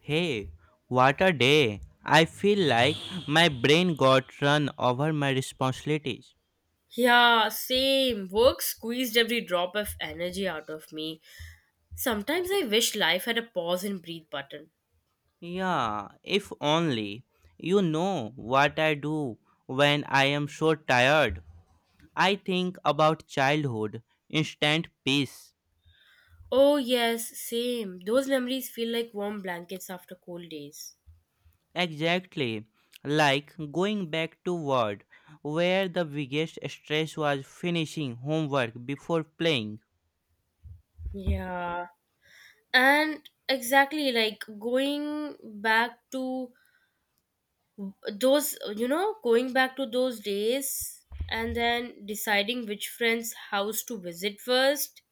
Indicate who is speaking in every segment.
Speaker 1: Hey, what a day! I feel like my brain got run over my responsibilities.
Speaker 2: Yeah, same. Work squeezed every drop of energy out of me. Sometimes I wish life had a pause and breathe button.
Speaker 1: Yeah, if only you know what I do when I am so tired. I think about childhood, instant peace.
Speaker 2: Oh, yes, same. Those memories feel like warm blankets after cold days.
Speaker 1: Exactly, like going back to world where the biggest stress was finishing homework before playing.
Speaker 2: Yeah. And exactly like going back to those days and then deciding which friend's house to visit first.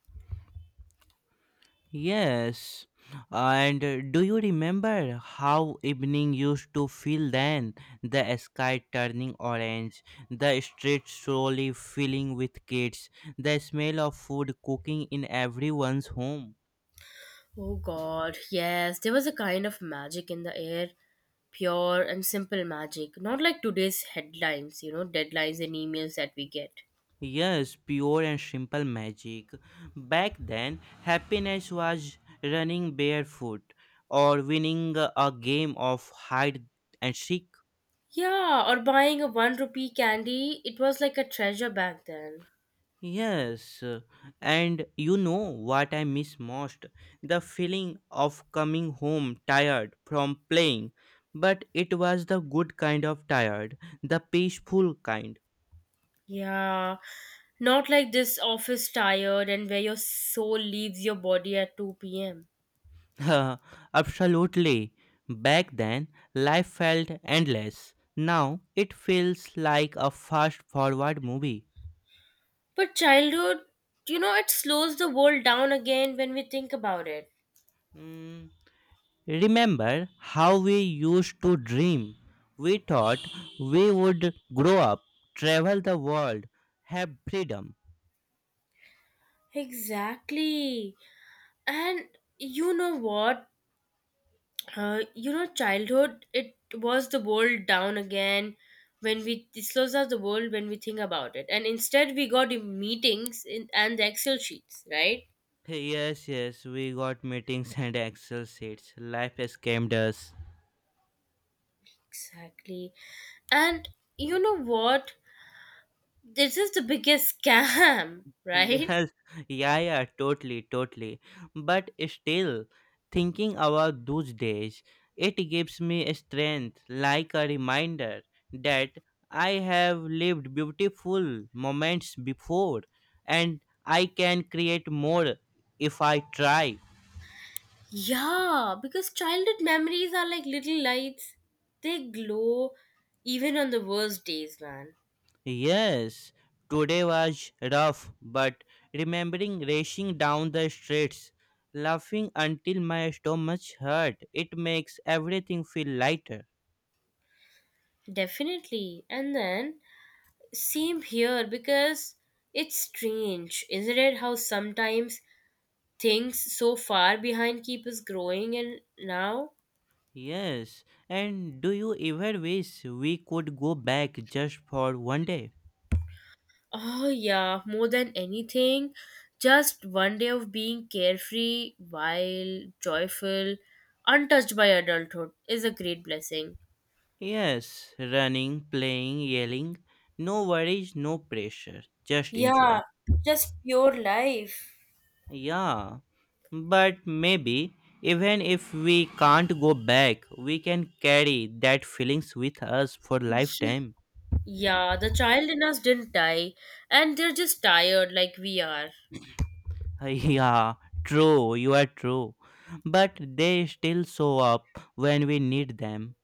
Speaker 1: Yes. And do you remember how evening used to feel then? The sky turning orange, the street slowly filling with kids, the smell of food cooking in everyone's home.
Speaker 2: Oh god, yes, there was a kind of magic in the air, pure and simple magic, not like today's headlines, deadlines and emails that we get.
Speaker 1: Yes, pure and simple magic. Back then, happiness was running barefoot or winning a game of hide and seek.
Speaker 2: Yeah, or buying a 1 rupee candy, it was like a treasure back then.
Speaker 1: Yes, and you know what I miss most? The feeling of coming home tired from playing. But it was the good kind of tired, the peaceful kind.
Speaker 2: Yeah, not like this office tired and where your soul leaves your body at 2 pm.
Speaker 1: Absolutely. Back then, life felt endless. Now, it feels like a fast forward movie.
Speaker 2: But childhood, it slows the world down again when we think about it.
Speaker 1: Mm, remember how we used to dream? We thought we would grow up, travel the world, have freedom.
Speaker 2: Exactly. And you know what? You know childhood, it was the world down again when we it slows us the world when we think about it, and instead we got the meetings in, and the excel sheets, right?
Speaker 1: Yes, yes, we got meetings and Excel sheets. Life scammed us.
Speaker 2: Exactly, and you know what, this is the biggest scam, right?
Speaker 1: Yes, yeah, yeah, totally, totally. But still, thinking about those days, it gives me strength, like a reminder that I have lived beautiful moments before and I can create more if I try.
Speaker 2: Yeah, because childhood memories are like little lights, they glow even on the worst days, man.
Speaker 1: Yes, today was rough, but remembering racing down the streets, laughing until my stomach hurt, it makes everything feel lighter.
Speaker 2: Definitely. And then same here because it's strange, isn't it? How sometimes things so far behind keep us growing, and now,
Speaker 1: Yes, and do you ever wish we could go back just for 1 day?
Speaker 2: oh yeah, more than anything, just one day of being carefree, wild, joyful, untouched by adulthood is a great blessing.
Speaker 1: Yes, running, playing, yelling, no worries, no pressure, just enjoy.
Speaker 2: Yeah, just pure life.
Speaker 1: Yeah, but maybe even if we can't go back, we can carry that feelings with us for lifetime.
Speaker 2: Yeah, the child in us didn't die, and they're just tired like we are.
Speaker 1: Yeah, true, you are true. But they still show up when we need them.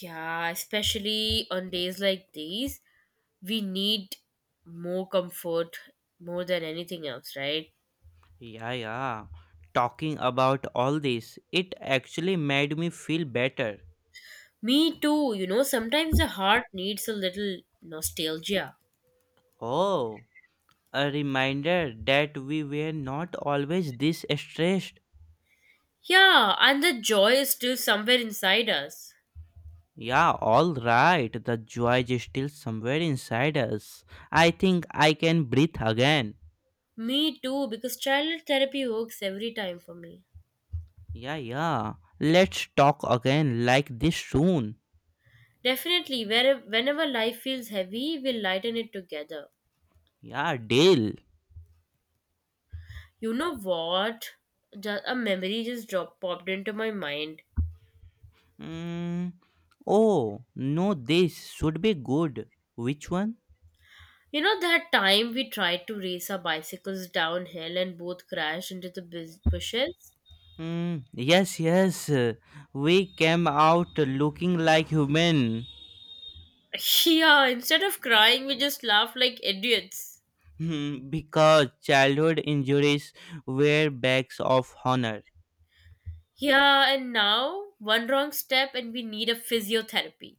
Speaker 2: Yeah, especially on days like these, we need more comfort more than anything else, right?
Speaker 1: Yeah, yeah. Talking about all this, it actually made me feel better.
Speaker 2: Me too, sometimes the heart needs a little nostalgia.
Speaker 1: Oh, a reminder that we were not always this stressed.
Speaker 2: Yeah, and the joy is still somewhere inside us.
Speaker 1: Yeah, all right. The joy is still somewhere inside us. I think I can breathe again.
Speaker 2: Me too, because childhood therapy works every time for me.
Speaker 1: Yeah, yeah. Let's talk again like this soon.
Speaker 2: Definitely, where, whenever life feels heavy, we'll lighten it together.
Speaker 1: Yeah, deal.
Speaker 2: You know what? Just a memory just dropped popped into my mind.
Speaker 1: Mm. Oh, no, this should be good. Which one?
Speaker 2: You know, that time we tried to race our bicycles downhill and both crashed into the bushes?
Speaker 1: Mm, yes, yes. We came out looking like human.
Speaker 2: Yeah, instead of crying, we just laughed like idiots.
Speaker 1: Hmm, because childhood injuries were bags of honor.
Speaker 2: Yeah, and now one wrong step and we need a physiotherapy.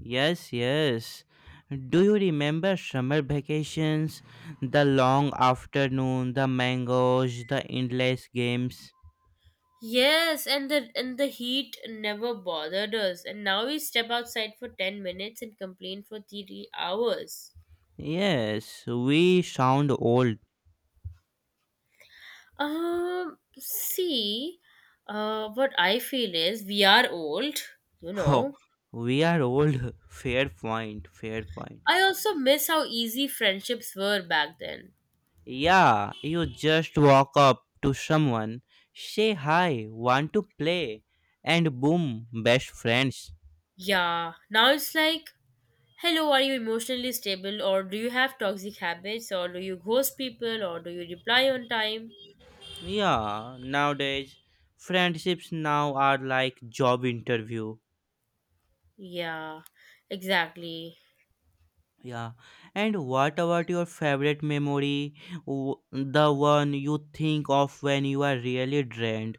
Speaker 1: Yes, yes. Do you remember summer vacations? The long afternoon, the mangoes, the endless games?
Speaker 2: Yes, and the heat never bothered us. And now we step outside for 10 minutes and complain for 3 hours.
Speaker 1: Yes, we sound old.
Speaker 2: See, what I feel is we are old, you
Speaker 1: Oh,
Speaker 2: know.
Speaker 1: we are old. Fair point, fair point.
Speaker 2: I also miss how easy friendships were back then.
Speaker 1: Yeah, you just walk up to someone, say hi, want to play, and boom, best friends.
Speaker 2: Yeah, now it's like, hello, are you emotionally stable, or do you have toxic habits, or do you ghost people, or do you reply on time?
Speaker 1: Yeah, nowadays, friendships now are like job interview.
Speaker 2: Yeah, exactly.
Speaker 1: Yeah, and what about your favorite memory? The one you think of when you are really drained?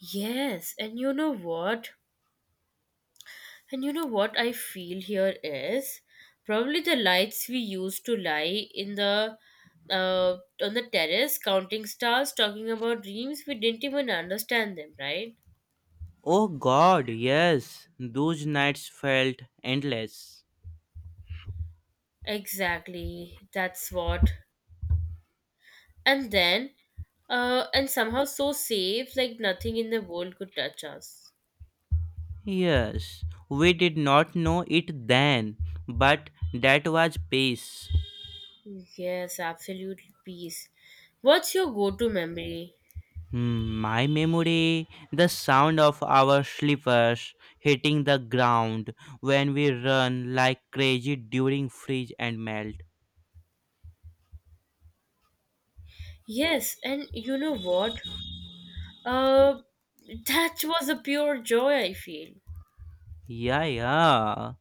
Speaker 2: Yes, and you know what? And you know what I feel here is probably the lights we used to lie in the on the terrace counting stars, talking about dreams we didn't even understand them, right?
Speaker 1: Oh god, yes, those nights felt endless.
Speaker 2: Exactly. That's what. And then, and somehow so safe, like nothing in the world could touch us.
Speaker 1: Yes, we did not know it then, but that was peace.
Speaker 2: Yes, absolute peace. What's your go-to memory?
Speaker 1: Hmm, my memory, the sound of our slippers hitting the ground when we run like crazy during freeze and melt.
Speaker 2: Yes, and you know what? Uh, that was a pure joy, I feel.
Speaker 1: Yeah, yeah,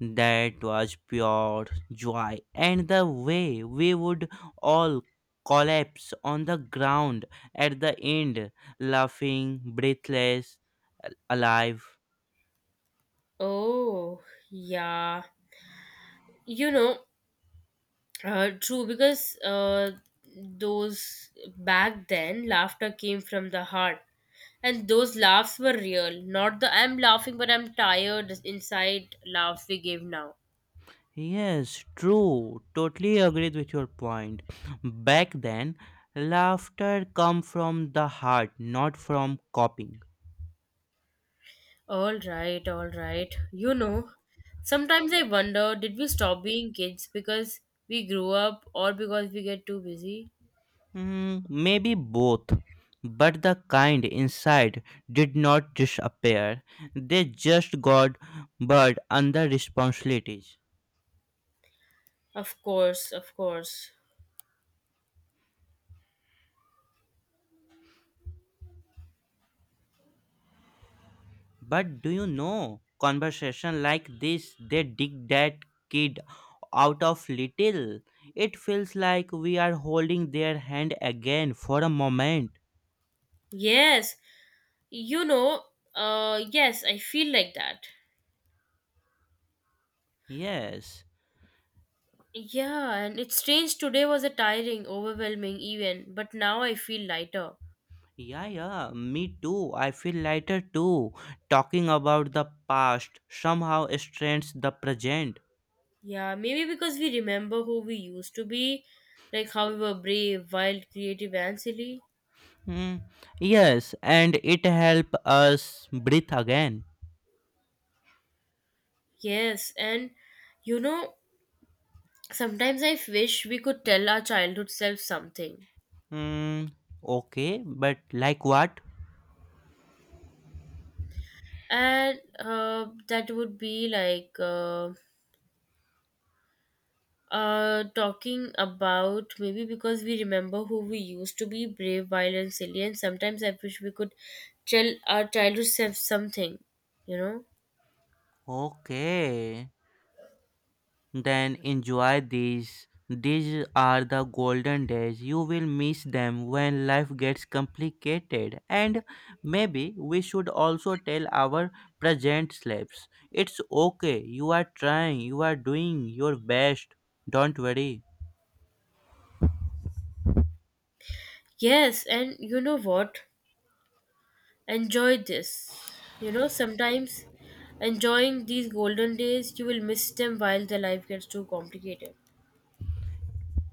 Speaker 1: that was pure joy. And the way we would all collapse on the ground at the end, laughing, breathless, alive.
Speaker 2: Oh, yeah. You know, True, because those back then laughter came from the heart, and those laughs were real, not the I'm laughing but I'm tired inside laughs we give now.
Speaker 1: Yes, true. Totally agreed with your point. Back then, laughter come from the heart, not from copying.
Speaker 2: All right, all right. You know, sometimes I wonder, did we stop being kids because we grew up or because we get too busy?
Speaker 1: Mm, maybe both. But the kind inside did not disappear. They just got buried under responsibilities.
Speaker 2: Of course, of course.
Speaker 1: But do you know, conversation like this, they dig that kid out of little. It feels like we are holding their hand again for a moment.
Speaker 2: Yes, you know, yes, I feel like that.
Speaker 1: Yes.
Speaker 2: Yeah, and it's strange, today was a tiring, overwhelming even, but now I feel lighter.
Speaker 1: Yeah, yeah, me too. I feel lighter too. Talking about the past somehow strengthens the present.
Speaker 2: Yeah, maybe because we remember who we used to be, like how we were brave, wild, creative, and silly.
Speaker 1: Hmm. Yes, and it helps us breathe again.
Speaker 2: Yes, and you know, sometimes I wish we could tell our childhood self something.
Speaker 1: Hmm. Okay, but like what?
Speaker 2: And that would be like, talking about maybe because we remember who we used to be brave, wild, and silly, and sometimes I wish we could tell our childhood self something, you know.
Speaker 1: Okay. Then enjoy these. These are the golden days. You will miss them when life gets complicated. And maybe we should also tell our present slaves it's okay. You are trying, you are doing your best. Don't worry.
Speaker 2: Yes, and you know what, enjoy this. You know, sometimes enjoying these golden days, you will miss them while the life gets too complicated.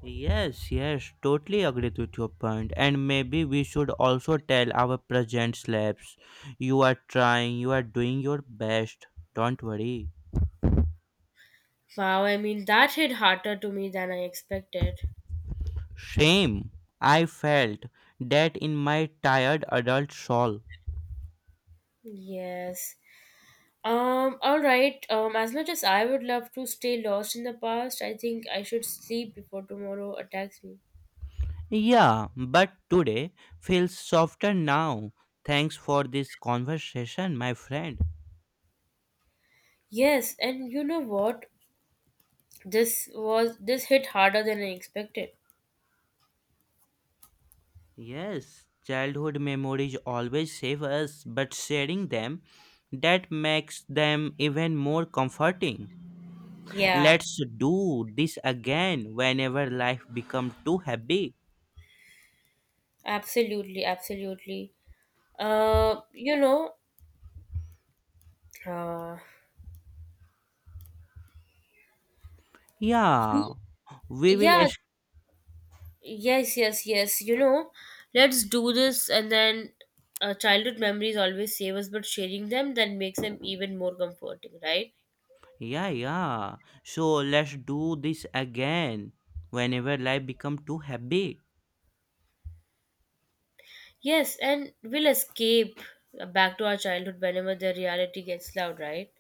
Speaker 1: Yes, yes, totally agree with your point. And maybe we should also tell our present slaves you are trying, you are doing your best. Don't worry.
Speaker 2: Wow, I mean, that hit harder to me than I expected.
Speaker 1: Shame. I felt that in my tired adult soul.
Speaker 2: Yes. All right. As much as I would love to stay lost in the past, I think I should sleep before tomorrow attacks me.
Speaker 1: Yeah, but today feels softer now. Thanks for this conversation, my friend.
Speaker 2: Yes, and you know what? This hit harder than I expected.
Speaker 1: Yes, childhood memories always save us, but sharing them that makes them even more comforting.
Speaker 2: Yeah,
Speaker 1: Let's do this again whenever life becomes too heavy.
Speaker 2: absolutely, absolutely. Uh, you know, uh,
Speaker 1: Yeah, we will.
Speaker 2: yeah, yes, yes, yes. You know, let's do this, and then childhood memories always save us, but sharing them then makes them even more comforting, right?
Speaker 1: Yeah, yeah. So let's do this again whenever life become too heavy.
Speaker 2: Yes, and we'll escape back to our childhood whenever the reality gets loud, right?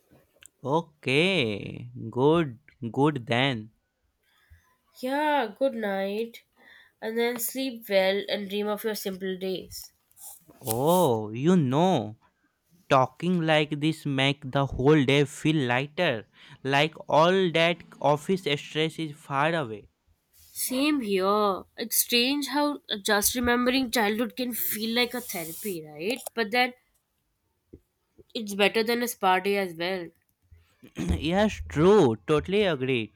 Speaker 1: Okay, good, good then.
Speaker 2: Yeah, good night. And then sleep well and dream of your simple days.
Speaker 1: Oh, you know, talking like this make the whole day feel lighter. Like all that office stress is far away.
Speaker 2: Same here. It's strange how just remembering childhood can feel like a therapy, right? But then it's better than a spa day as well.
Speaker 1: Yes, true. Totally agree.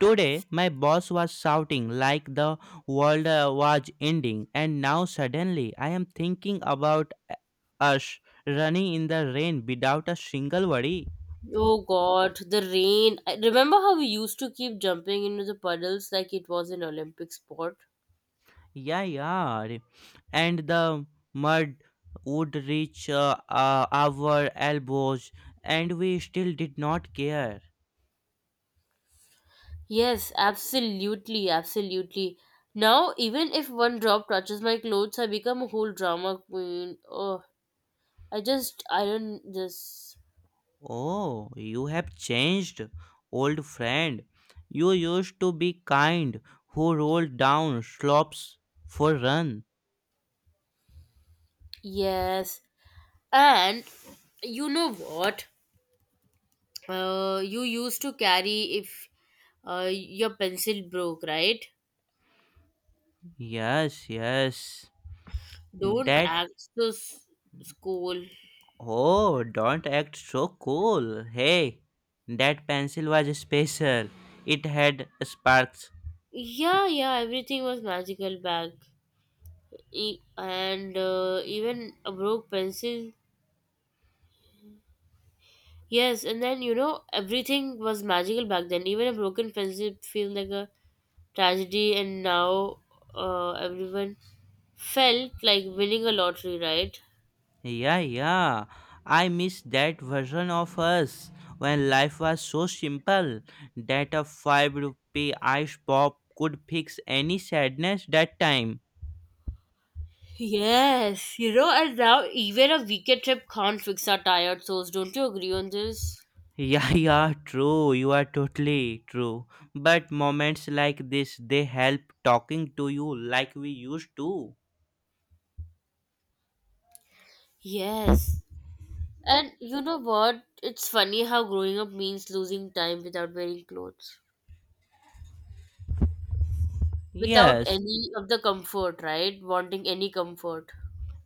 Speaker 1: Today, my boss was shouting like the world was ending, and now suddenly I am thinking about us running in the rain without a single worry.
Speaker 2: Oh god, the rain. I remember how we used to keep jumping into the puddles like it was an Olympic sport?
Speaker 1: Yeah, yeah. And the mud would reach our elbows, and we still did not care.
Speaker 2: Yes, absolutely, absolutely. Now, even if one drop touches my clothes, I become a whole drama queen. Oh, I just iron this.
Speaker 1: Oh, you have changed, old friend. You used to be kind, who rolled down slopes for run.
Speaker 2: Yes. And you know what? You used to carry if your pencil broke, right?
Speaker 1: Yes, yes.
Speaker 2: Don't
Speaker 1: That.
Speaker 2: ask the school.
Speaker 1: Oh, don't act so cool. Hey, that pencil was special. It had sparks.
Speaker 2: Yeah, yeah, everything was magical back. And even a broke pencil. Yes, and then you know everything was magical back then. Even a broken friendship feels like a tragedy, and now everyone felt like winning a lottery, right?
Speaker 1: Yeah, yeah. I miss that version of us when life was so simple that a 5 rupee ice pop could fix any sadness that time.
Speaker 2: Yes, you know, and now even a weekend trip can't fix our tired souls. Don't you agree on this?
Speaker 1: Yeah, yeah, true. You are totally true. But moments like this, they help talking to you like we used to.
Speaker 2: Yes, and you know what? It's funny how growing up means losing time without wearing clothes, without
Speaker 1: Yes,
Speaker 2: any of the comfort, right? Wanting any comfort.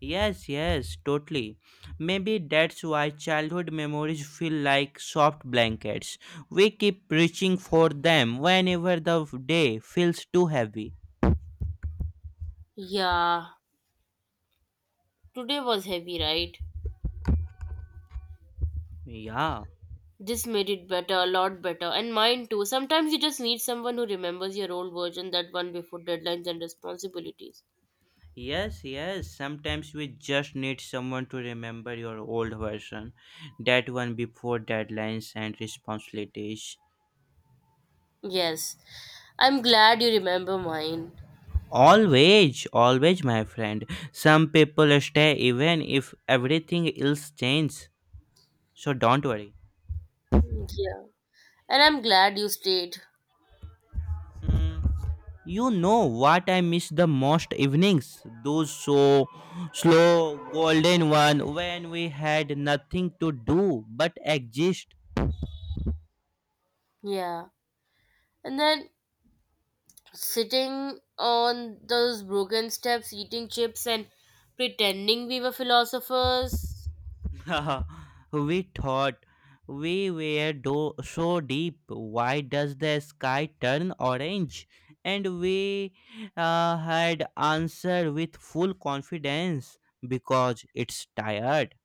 Speaker 1: yes, yes, totally. Maybe that's why childhood memories feel like soft blankets. We keep reaching for them whenever the day feels too heavy.
Speaker 2: Yeah, today was heavy, right?
Speaker 1: Yeah.
Speaker 2: This made it better, a lot better, and mine too. Sometimes you just need someone who remembers your old version, that one before deadlines and responsibilities.
Speaker 1: Yes, yes. Sometimes we just need someone to remember your old version. That one before deadlines and responsibilities.
Speaker 2: Yes, I'm glad you remember mine.
Speaker 1: Always, always, my friend. Some people stay even if everything else changes. So don't worry.
Speaker 2: Yeah, and I'm glad you stayed.
Speaker 1: You know what I miss the most evenings? Those so slow, golden one when we had nothing to do but exist.
Speaker 2: Yeah, and then sitting on those broken steps, eating chips, and pretending we were philosophers.
Speaker 1: We thought we were so deep. Why does the sky turn orange? And we had answered with full confidence because it's tired.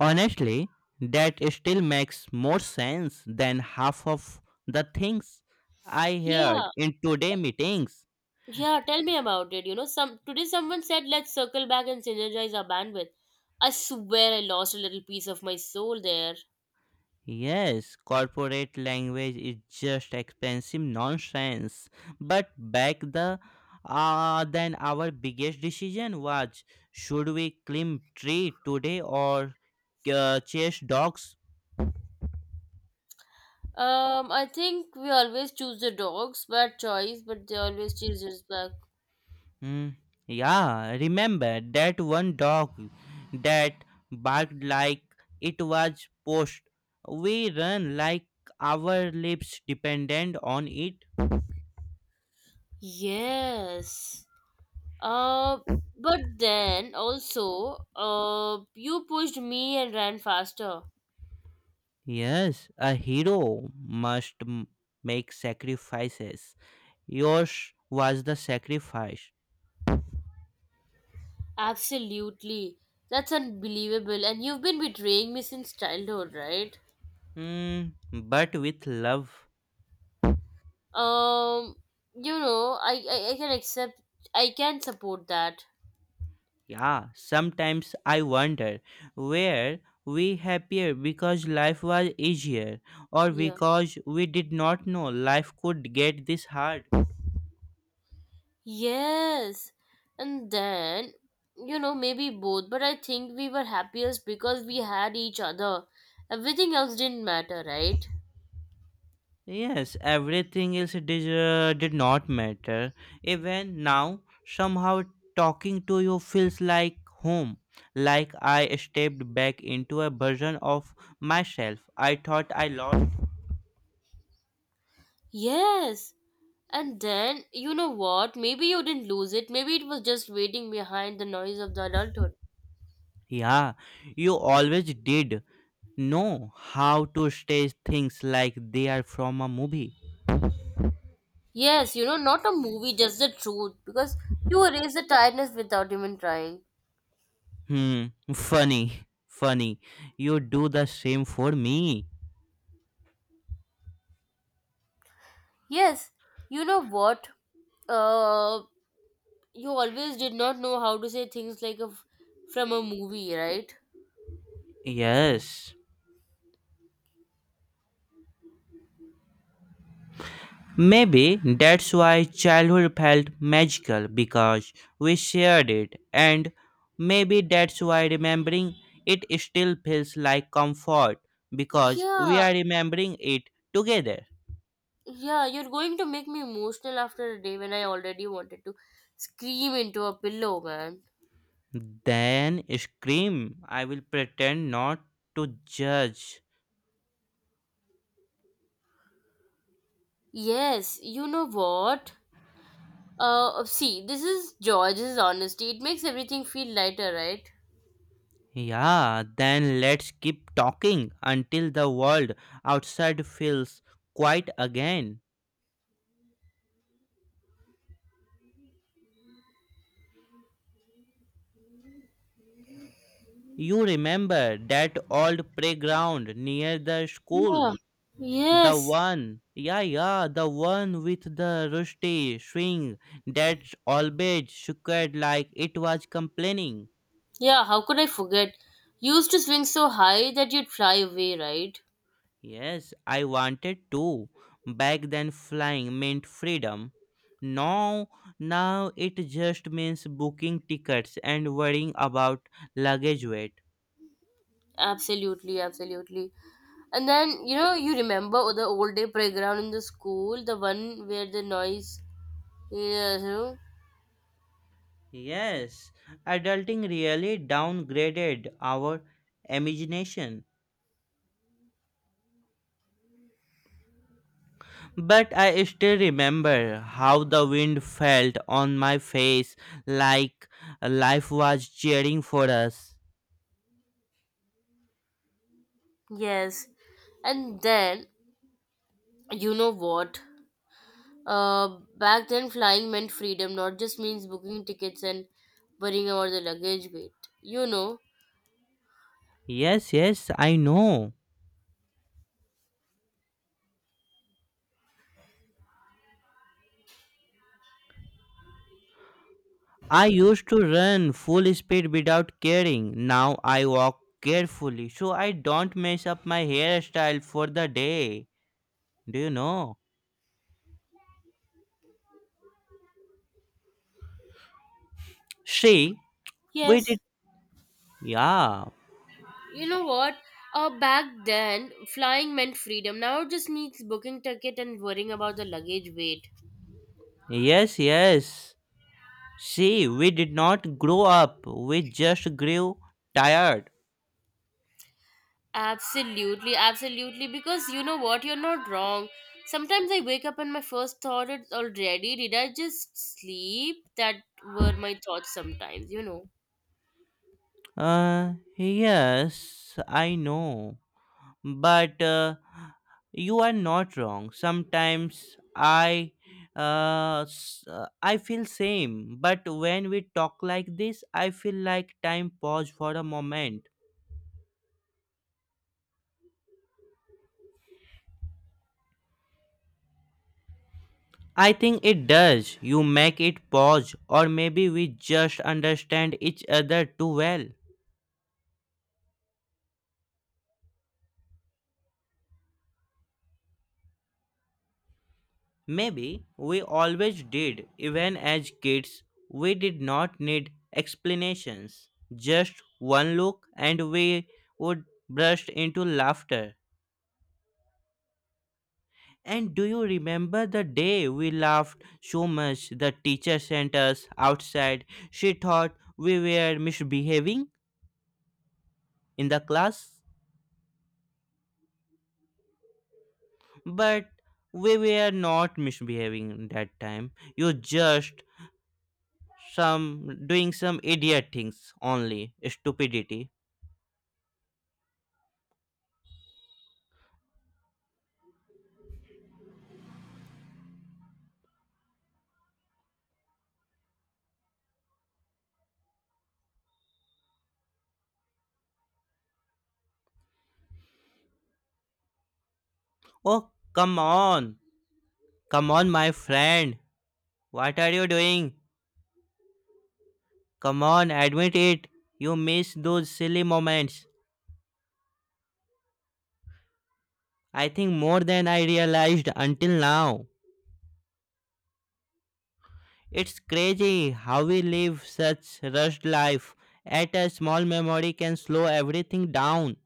Speaker 1: Honestly, that still makes more sense than half of the things I heard
Speaker 2: Yeah,
Speaker 1: in today meetings.
Speaker 2: yeah, tell me about it. You know, some today someone said let's circle back and synergize our bandwidth. I swear I lost a little piece of my soul there.
Speaker 1: Yes, corporate language is just expensive nonsense. But back then our biggest decision was should we climb tree today or chase dogs.
Speaker 2: I think we always choose the dogs, bad choice, but they always choose us back.
Speaker 1: Hmm. Yeah, remember that one dog that barked like it was post. We run like our lives dependent on it.
Speaker 2: Yes. Uh, but then also, you pushed me and ran faster.
Speaker 1: Yes, a hero must make sacrifices. Yours was the sacrifice.
Speaker 2: Absolutely. That's unbelievable. And you've been betraying me since childhood, right?
Speaker 1: Hmm, but with love.
Speaker 2: Um, you know, I can accept. I can support that.
Speaker 1: Yeah, sometimes I wonder were we happier because life was easier or
Speaker 2: Yeah.
Speaker 1: because we did not know life could get this hard?
Speaker 2: Yes. And then, you know, maybe both, but I think we were happiest because we had each other. Everything else didn't matter, right?
Speaker 1: Yes, everything else did not matter. Even now, somehow talking to you feels like home. Like I stepped back into a version of myself I thought I lost.
Speaker 2: Yes. And then, you know what? Maybe you didn't lose it. Maybe it was just waiting behind the noise of the adulthood.
Speaker 1: Yeah, you always did know how to stage things like they are from a movie.
Speaker 2: Yes, you know, not a movie, just the truth. Because you erase the tiredness without even trying.
Speaker 1: Hmm, funny, funny. You do the same for me.
Speaker 2: Yes, you know what? Uh, you always did not know how to say things like a, from a movie, right?
Speaker 1: Yes. Maybe that's why childhood felt magical because we shared it, and maybe that's why remembering it still feels like comfort because we
Speaker 2: Yeah,
Speaker 1: are remembering it together.
Speaker 2: yeah, you're going to make me emotional after a day when I already wanted to scream into a pillow, man.
Speaker 1: Then scream. I will pretend not to judge.
Speaker 2: Yes, you know what? See, this is George's honesty. It makes everything feel lighter, right?
Speaker 1: Yeah, then let's keep talking until the world outside feels quiet again. You remember that old playground near the school?
Speaker 2: Yeah.
Speaker 1: The
Speaker 2: Yes.
Speaker 1: one, yeah, yeah, the one with the rusty swing that always shook like it was complaining.
Speaker 2: Yeah, how could I forget? You used to swing so high that you'd fly away, right?
Speaker 1: Yes, I wanted to. Back then, flying meant freedom. Now, now it just means booking tickets and worrying about luggage weight.
Speaker 2: Absolutely, absolutely. And then, you know, you remember the old day playground in the school, the one where the noise, yeah, you know?
Speaker 1: Yes, adulting really downgraded our imagination. But I still remember how the wind felt on my face like life was cheering for us.
Speaker 2: Yes. And then, you know what? Back then, flying meant freedom, not just means booking tickets and worrying about the luggage weight. You know?
Speaker 1: Yes, yes, I know. I used to run full speed without caring. Now I walk carefully so I don't mess up my hairstyle for the day. Do you know? See, we
Speaker 2: Yes.
Speaker 1: did. Yeah.
Speaker 2: You know what? Back then, flying meant freedom. Now it just means booking ticket and worrying about the luggage weight.
Speaker 1: Yes, yes. See, we did not grow up. We just grew tired.
Speaker 2: Absolutely, absolutely. Because you know what? You're not wrong. Sometimes I wake up and my first thought is already, did I just sleep? That were my thoughts sometimes, you know.
Speaker 1: Yes, I know, but you are not wrong. Sometimes I feel same, but when we talk like this I feel like time pause for a moment. I think it does. You make it pause, or maybe we just understand each other too well. Maybe we always did, even as kids, we did not need explanations. Just one look and we would burst into laughter. And do you remember the day we laughed so much the teacher sent us outside? She thought we were misbehaving in the class, but we were not misbehaving that time. You just some doing some idiot things only stupidity. Oh, come on. Come on, my friend. What are you doing? Come on, admit it. You miss those silly moments. I think more than I realized until now. It's crazy how we live such rushed life. At a small memory can slow everything down.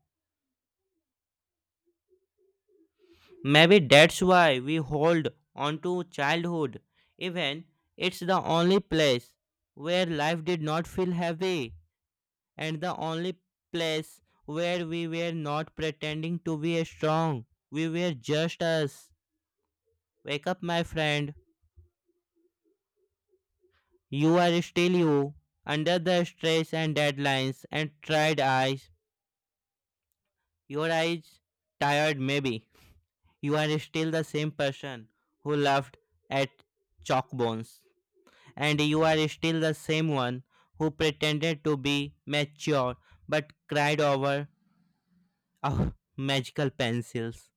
Speaker 1: Maybe that's why we hold on to childhood. Even it's the only place where life did not feel heavy, and the only place where we were not pretending to be strong. We were just us. Wake up, my friend. You are still you, under the stress and deadlines and tired eyes. Your eyes tired, maybe. You are still the same person who laughed at chalkbones, and you are still the same one who pretended to be mature but cried over our magical pencils.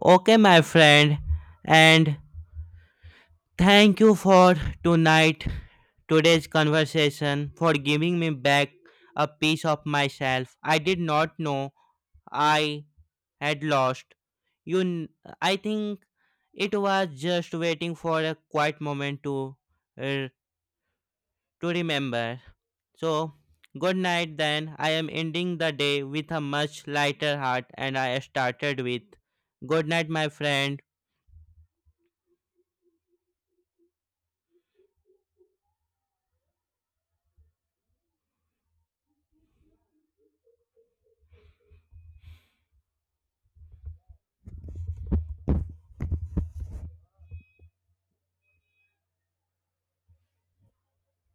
Speaker 1: Okay, my friend, and thank you for tonight, today's conversation, for giving me back a piece of myself. I did not know I had lost. You, kn- I think it was just waiting for a quiet moment uh, to remember. So, good night. Then I am ending the day with a much lighter heart, and I started with good night, my friend.